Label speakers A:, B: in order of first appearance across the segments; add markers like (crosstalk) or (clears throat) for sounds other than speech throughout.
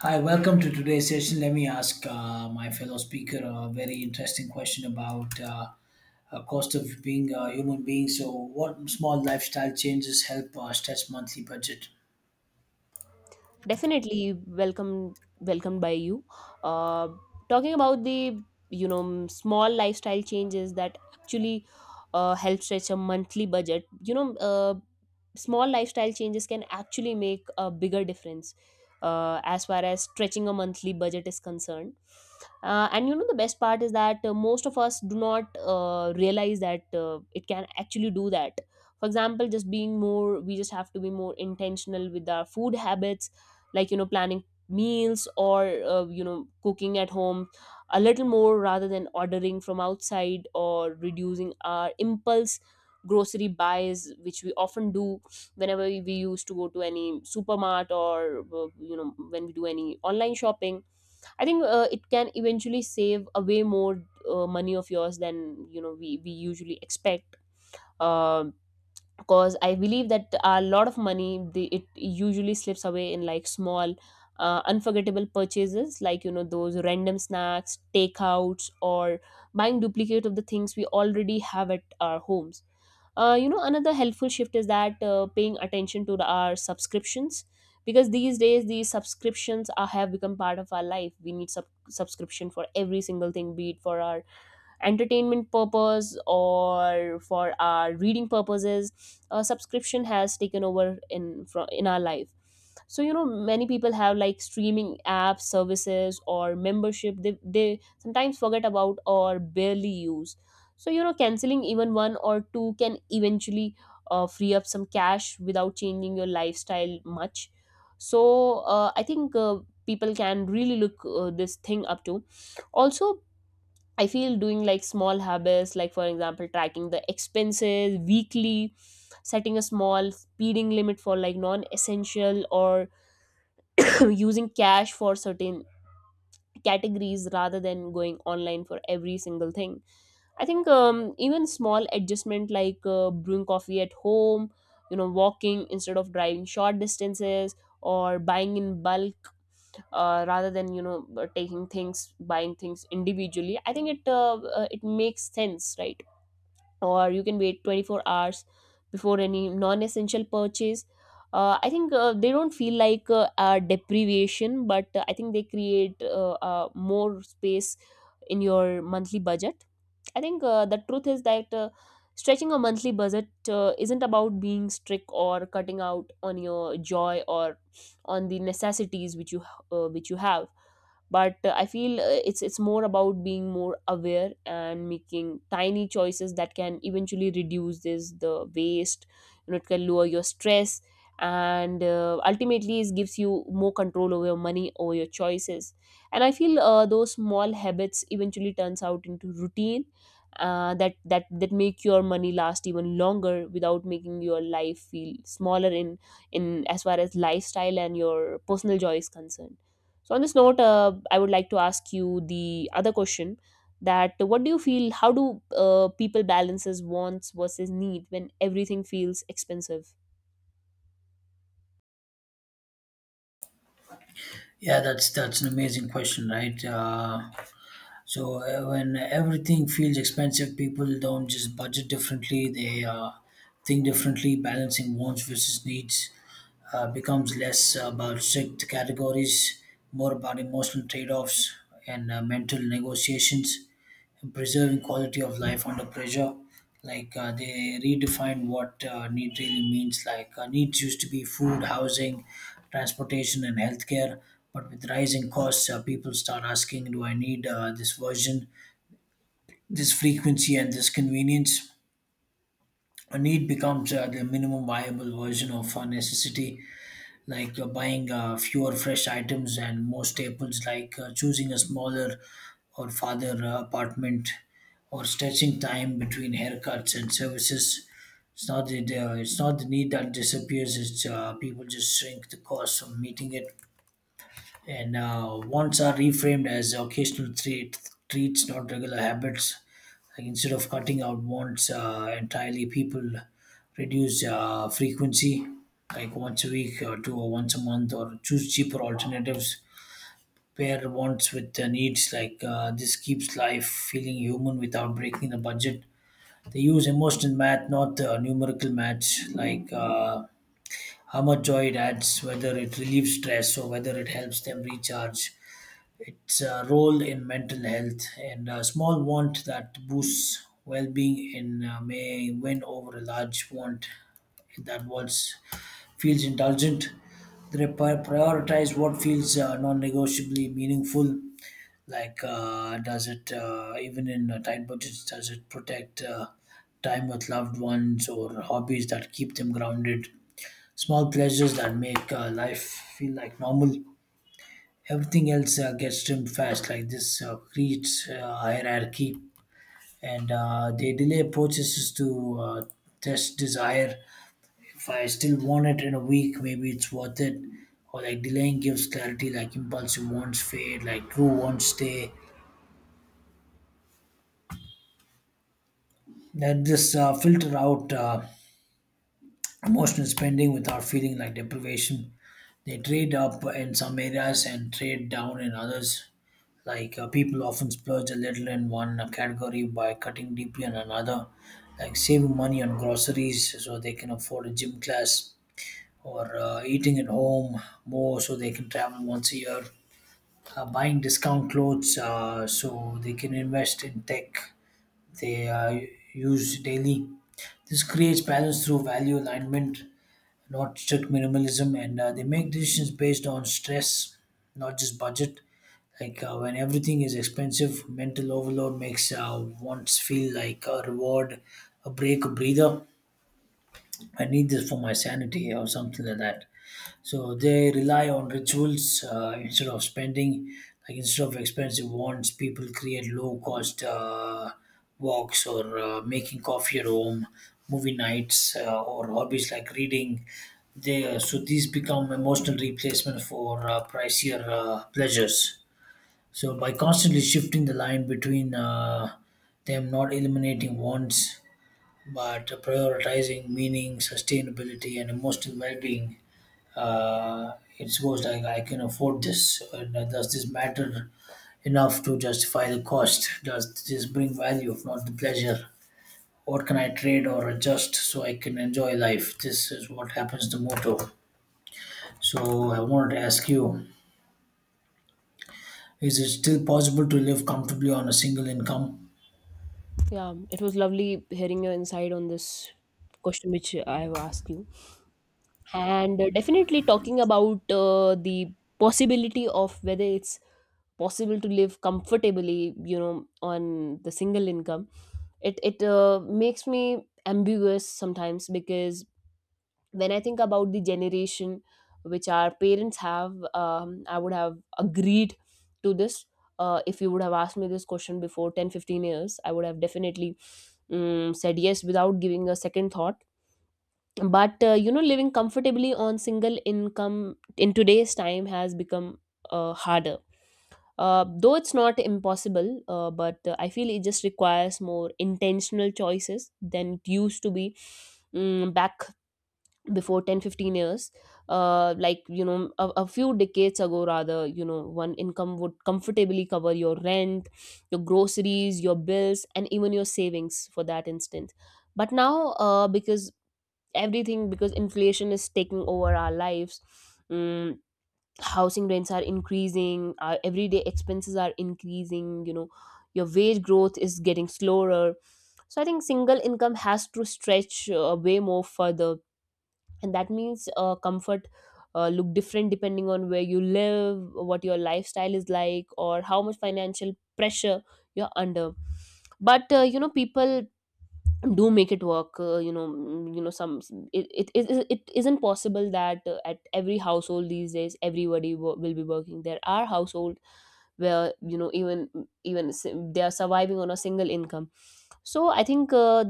A: Hi, welcome to today's session. Let me ask my fellow speaker a very interesting question about cost of being a human being. So, what small lifestyle changes help stretch monthly budget?
B: Definitely, welcomed by you. uh, Talking about the small lifestyle changes that actually help stretch a monthly budget. Small lifestyle changes can actually make a bigger difference as far as stretching a monthly budget is concerned. And you know, the best part is that most of us do not realize that it can actually do that. For example, just being more we just have to be more intentional with our food habits, like, you know, planning meals, or you know, cooking at home a little more rather than ordering from outside, or reducing our impulse grocery buys, which we often do whenever we used to go to any supermart, or when we do any online shopping. I think it can eventually save a way more money of yours than, you know, we usually expect. Um because I believe that a lot of money, it usually slips away in like small, unforgettable purchases, like, you know, those random snacks, takeouts, or buying duplicate of the things we already have at our homes. You know, another helpful shift is that paying attention to our subscriptions, because these days these subscriptions have become part of our life. We need subscription for every single thing, be it for our entertainment purpose or for our reading purposes. A subscription has taken over in our life. So, you know, many people have like streaming apps, services, or membership they sometimes forget about or barely use. So, you know, canceling even one or two can eventually free up some cash without changing your lifestyle much. So I think people can really look this thing up to, also. I feel doing like small habits, like, for example, tracking the expenses weekly, setting a small spending limit for like non essential, or (coughs) (clears throat) using cash for certain categories rather than going online for every single thing. I think, even small adjustment like brewing coffee at home, you know, walking instead of driving short distances, or buying in bulk rather than, you know, buying things individually. I think it makes sense, right? Or you can wait 24 hours before any non-essential purchase. I think they don't feel like a deprivation, but I think they create more space in your monthly budget. I think the truth is that stretching a monthly budget isn't about being strict or cutting out on your joy, or on the necessities which you have. But I feel it's more about being more aware and making tiny choices that can eventually reduce this the waste. You know, it can lower your stress, and ultimately it gives you more control over your money, over your choices. And I feel those small habits eventually turns out into routine that make your money last even longer without making your life feel smaller in as far as lifestyle and your personal joy is concerned. So, on this note, I would like to ask you the other question: that what do you feel, how do people balances wants versus need when everything feels expensive?
A: Yeah, that's an amazing question, right? So when everything feels expensive, people don't just budget differently; they think differently. Balancing wants versus needs becomes less about strict categories, more about emotional trade-offs and mental negotiations preserving quality of life under pressure. Like they redefine what need really means. Like needs used to be food, housing, transportation, and healthcare. But with rising costs, people start asking, "Do I need this version, this frequency, and this convenience?" A need becomes the minimum viable version of a necessity like buying fewer fresh items and more staples, like choosing a smaller or farther apartment, or stretching time between haircuts and services. It's not the need that disappears. It's People just shrink the cost of meeting it, and wants are reframed as occasional treats, not regular habits. Like instead of cutting out wants entirely, people reduce frequency, like once a week or two or once a month, or choose cheaper alternatives. Pair wants with needs. Like this keeps life feeling human without breaking the budget. They use emotional math, not numerical maths. Like how much joy it adds, whether it relieves stress or whether it helps them recharge its role in mental health, and a small want that boosts well-being in may win over a large want that wants feels indulgent. They prioritize what feels non-negotiably meaningful. Like, does it even in tight budgets? Does it protect time with loved ones or hobbies that keep them grounded? Small pleasures that make life feel like normal, everything else gets trimmed fast. Like this creates hierarchy, and they delay processes to test desire. If I still want it in a week, maybe it's worth it. Or like, delaying gives clarity, like impulsive wants fade, like true wants stay. That this uh, filter out emotional spending without feeling like deprivation. They trade up in some areas and trade down in others. Like people often splurge a little in one category by cutting deeply on another, like saving money on groceries so they can afford a gym class, or eating at home more so they can travel once a year, buying discount clothes so they can invest in tech they use daily. This creates balance through value alignment, not strict minimalism, and they make decisions based on stress, not just budget. Like when everything is expensive, mental overload makes wants feel like a reward, a break, a breather. I need this for my sanity or something like that. So they rely on rituals instead of spending, like instead of expensive wants, people create low cost walks, or making coffee at home, movie nights, or hobbies like reading. So these become emotional replacement for pricier pleasures. So by constantly shifting the line between them, not eliminating wants, but prioritizing meaning, sustainability, and emotional well-being, uh, it goes like, I can afford this. And does this matter enough to justify the cost? Does this bring value, if not the pleasure? What can I trade or adjust so I can enjoy life? This is what happens to motto. So I wanted to ask you: is it still possible to live comfortably on a single income?
B: Yeah, it was lovely hearing your insight on this question which I have asked you. And definitely talking about the possibility of whether it's possible to live comfortably, you know, on the single income, it makes me ambiguous sometimes, because when I think about the generation which our parents have, um, I would have agreed to this. If you would have asked me this question before 10-15 years, I would have definitely said yes without giving a second thought. But you know, living comfortably on single income in today's time has become harder. Though it's not impossible, but I feel it just requires more intentional choices than it used to be, back before 10-15 years. Like, you know, a few decades ago, rather, you know, one income would comfortably cover your rent, your groceries, your bills, and even your savings, for that instance. But now, because because inflation is taking over our lives. mm Housing rents are increasing, our everyday expenses are increasing, you know, your wage growth is getting slower. So I think single income has to stretch way more further, and that means comfort look different depending on where you live, what your lifestyle is like, or how much financial pressure you're under. But you know, people do make it work. You know, you know, it isn't possible that at every household these days everybody will be working. There are household where, you know, even even s- they are surviving on a single income. So I think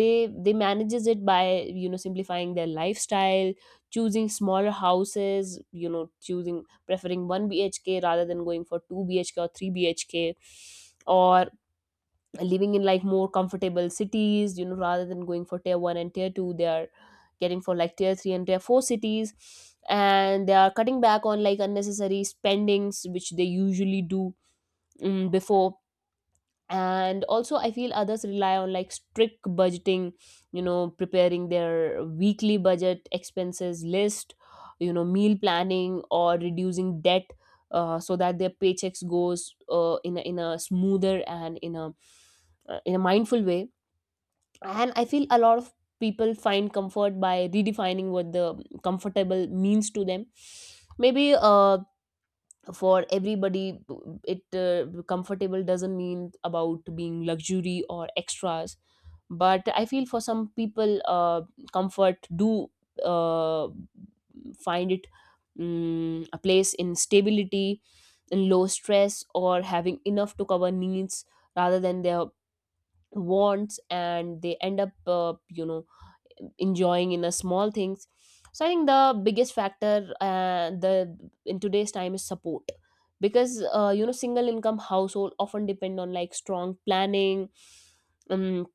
B: they manages it by, you know, simplifying their lifestyle, choosing smaller houses, you know, choosing preferring 1 bhk rather than going for 2 bhk or 3 bhk, or living in like more comfortable cities, you know, rather than going for tier 1 and tier 2, they are getting for like tier 3 and tier 4 cities. And they are cutting back on like unnecessary spendings which they usually do before. And also, I feel others rely on like strict budgeting, you know, preparing their weekly budget expenses list, you know, meal planning, or reducing debt, so that their paychecks goes in a smoother and in a mindful way. And I feel a lot of people find comfort by redefining what the comfortable means to them. Maybe for everybody it comfortable doesn't mean about being luxury or extras, but I feel for some people comfort do uh, find it a place in stability, in low stress, or having enough to cover needs rather than their wants. And they end up you know, enjoying in a small things. So I think the biggest factor, the, in today's time, is support, because you know, single income household often depend on like strong planning, um,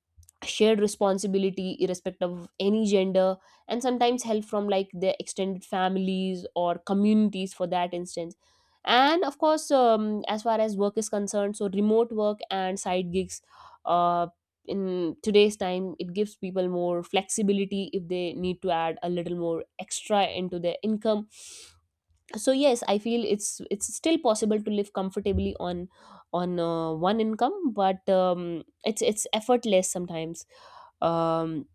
B: shared responsibility irrespective of any gender, and sometimes help from like their extended families or communities, for that instance. And of course, as far as work is concerned, so remote work and side gigs uh, in today's time, it gives people more flexibility if they need to add a little more extra into their income. So yes, I feel it's still possible to live comfortably on one income, but it's effortless sometimes. um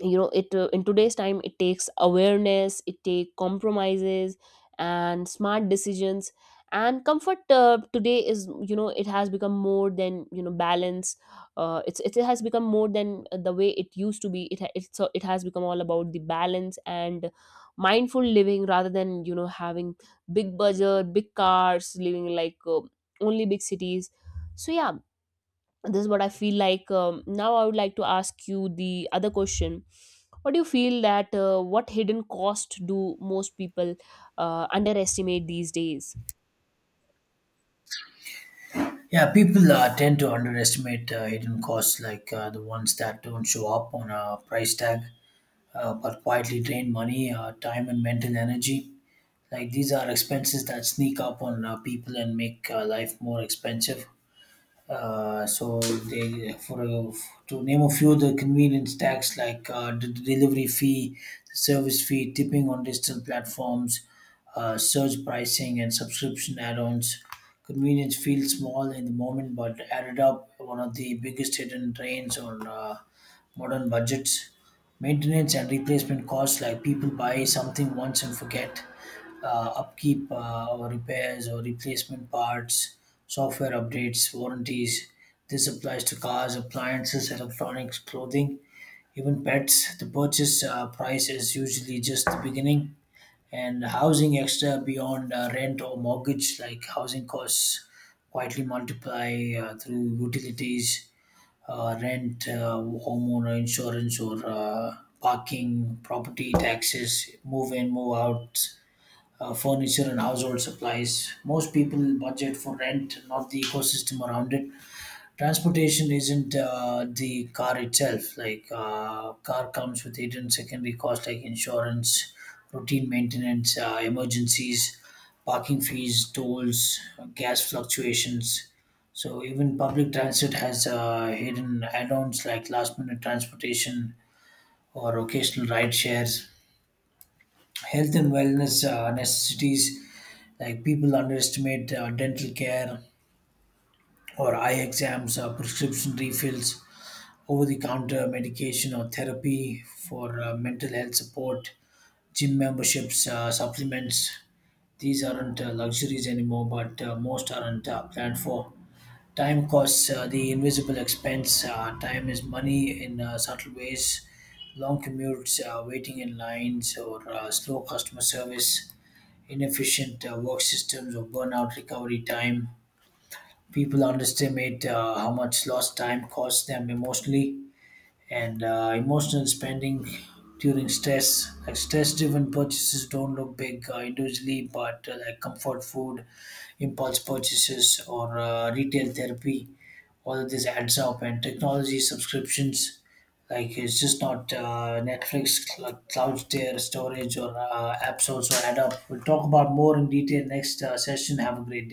B: you know, it, in today's time, it takes awareness, it takes compromises, and smart decisions. And comfort today is, you know, it has become more than, you know, balance. It's, it has become more than the way it used to be. It's, so it has become all about the balance and mindful living, rather than, you know, having big budget, big cars, living like only big cities. So yeah, this is what I feel like. Now I would like to ask you the other question: what do you feel that what hidden cost do most people underestimate these days?
A: Yeah, people tend to underestimate hidden costs, like the ones that don't show up on a price tag, but quietly drain money, time, and mental energy. Like these are expenses that sneak up on people and make life more expensive. So they, for a, to name a few, the convenience tax, like the delivery fee, the service fee, tipping on digital platforms, surge pricing, and subscription add-ons. Convenience feels small in the moment, but added up, one of the biggest hidden drains on modern budgets. Maintenance and replacement costs, like people buy something once and forget upkeep, or repairs or replacement parts, software updates, warranties. This applies to cars, appliances, electronics, clothing, even pets. The purchase price is usually just the beginning, and housing extra beyond rent or mortgage, like housing costs, quietly multiply through utilities, rent, homeowner insurance, or parking, property taxes, move in, move out, furniture and household supplies. Most people budget for rent, not the ecosystem around it. Transportation isn't the car itself. Like car comes with hidden secondary costs like insurance, routine maintenance, emergencies, parking fees, tolls, gas fluctuations. So even public transit has hidden add-ons, like last-minute transportation or occasional ride shares. Health and wellness necessities, like people underestimate dental care or eye exams, prescription refills, over-the-counter medication, or therapy for mental health support, gym memberships, supplements. These aren't luxuries anymore, but most aren't planned for. Time costs, the invisible expense, time is money in subtle ways. Long commutes, waiting in lines, or slow customer service, inefficient work systems, or burnout recovery time. People underestimate how much lost time costs them emotionally, and emotional spending during stress, like stress driven purchases don't look big individually, but like comfort food, impulse purchases, or retail therapy, all of this adds up. And technology subscriptions, like it's just not Netflix, cloud tier storage or apps, also add up. We'll talk about more in detail next session. Have a great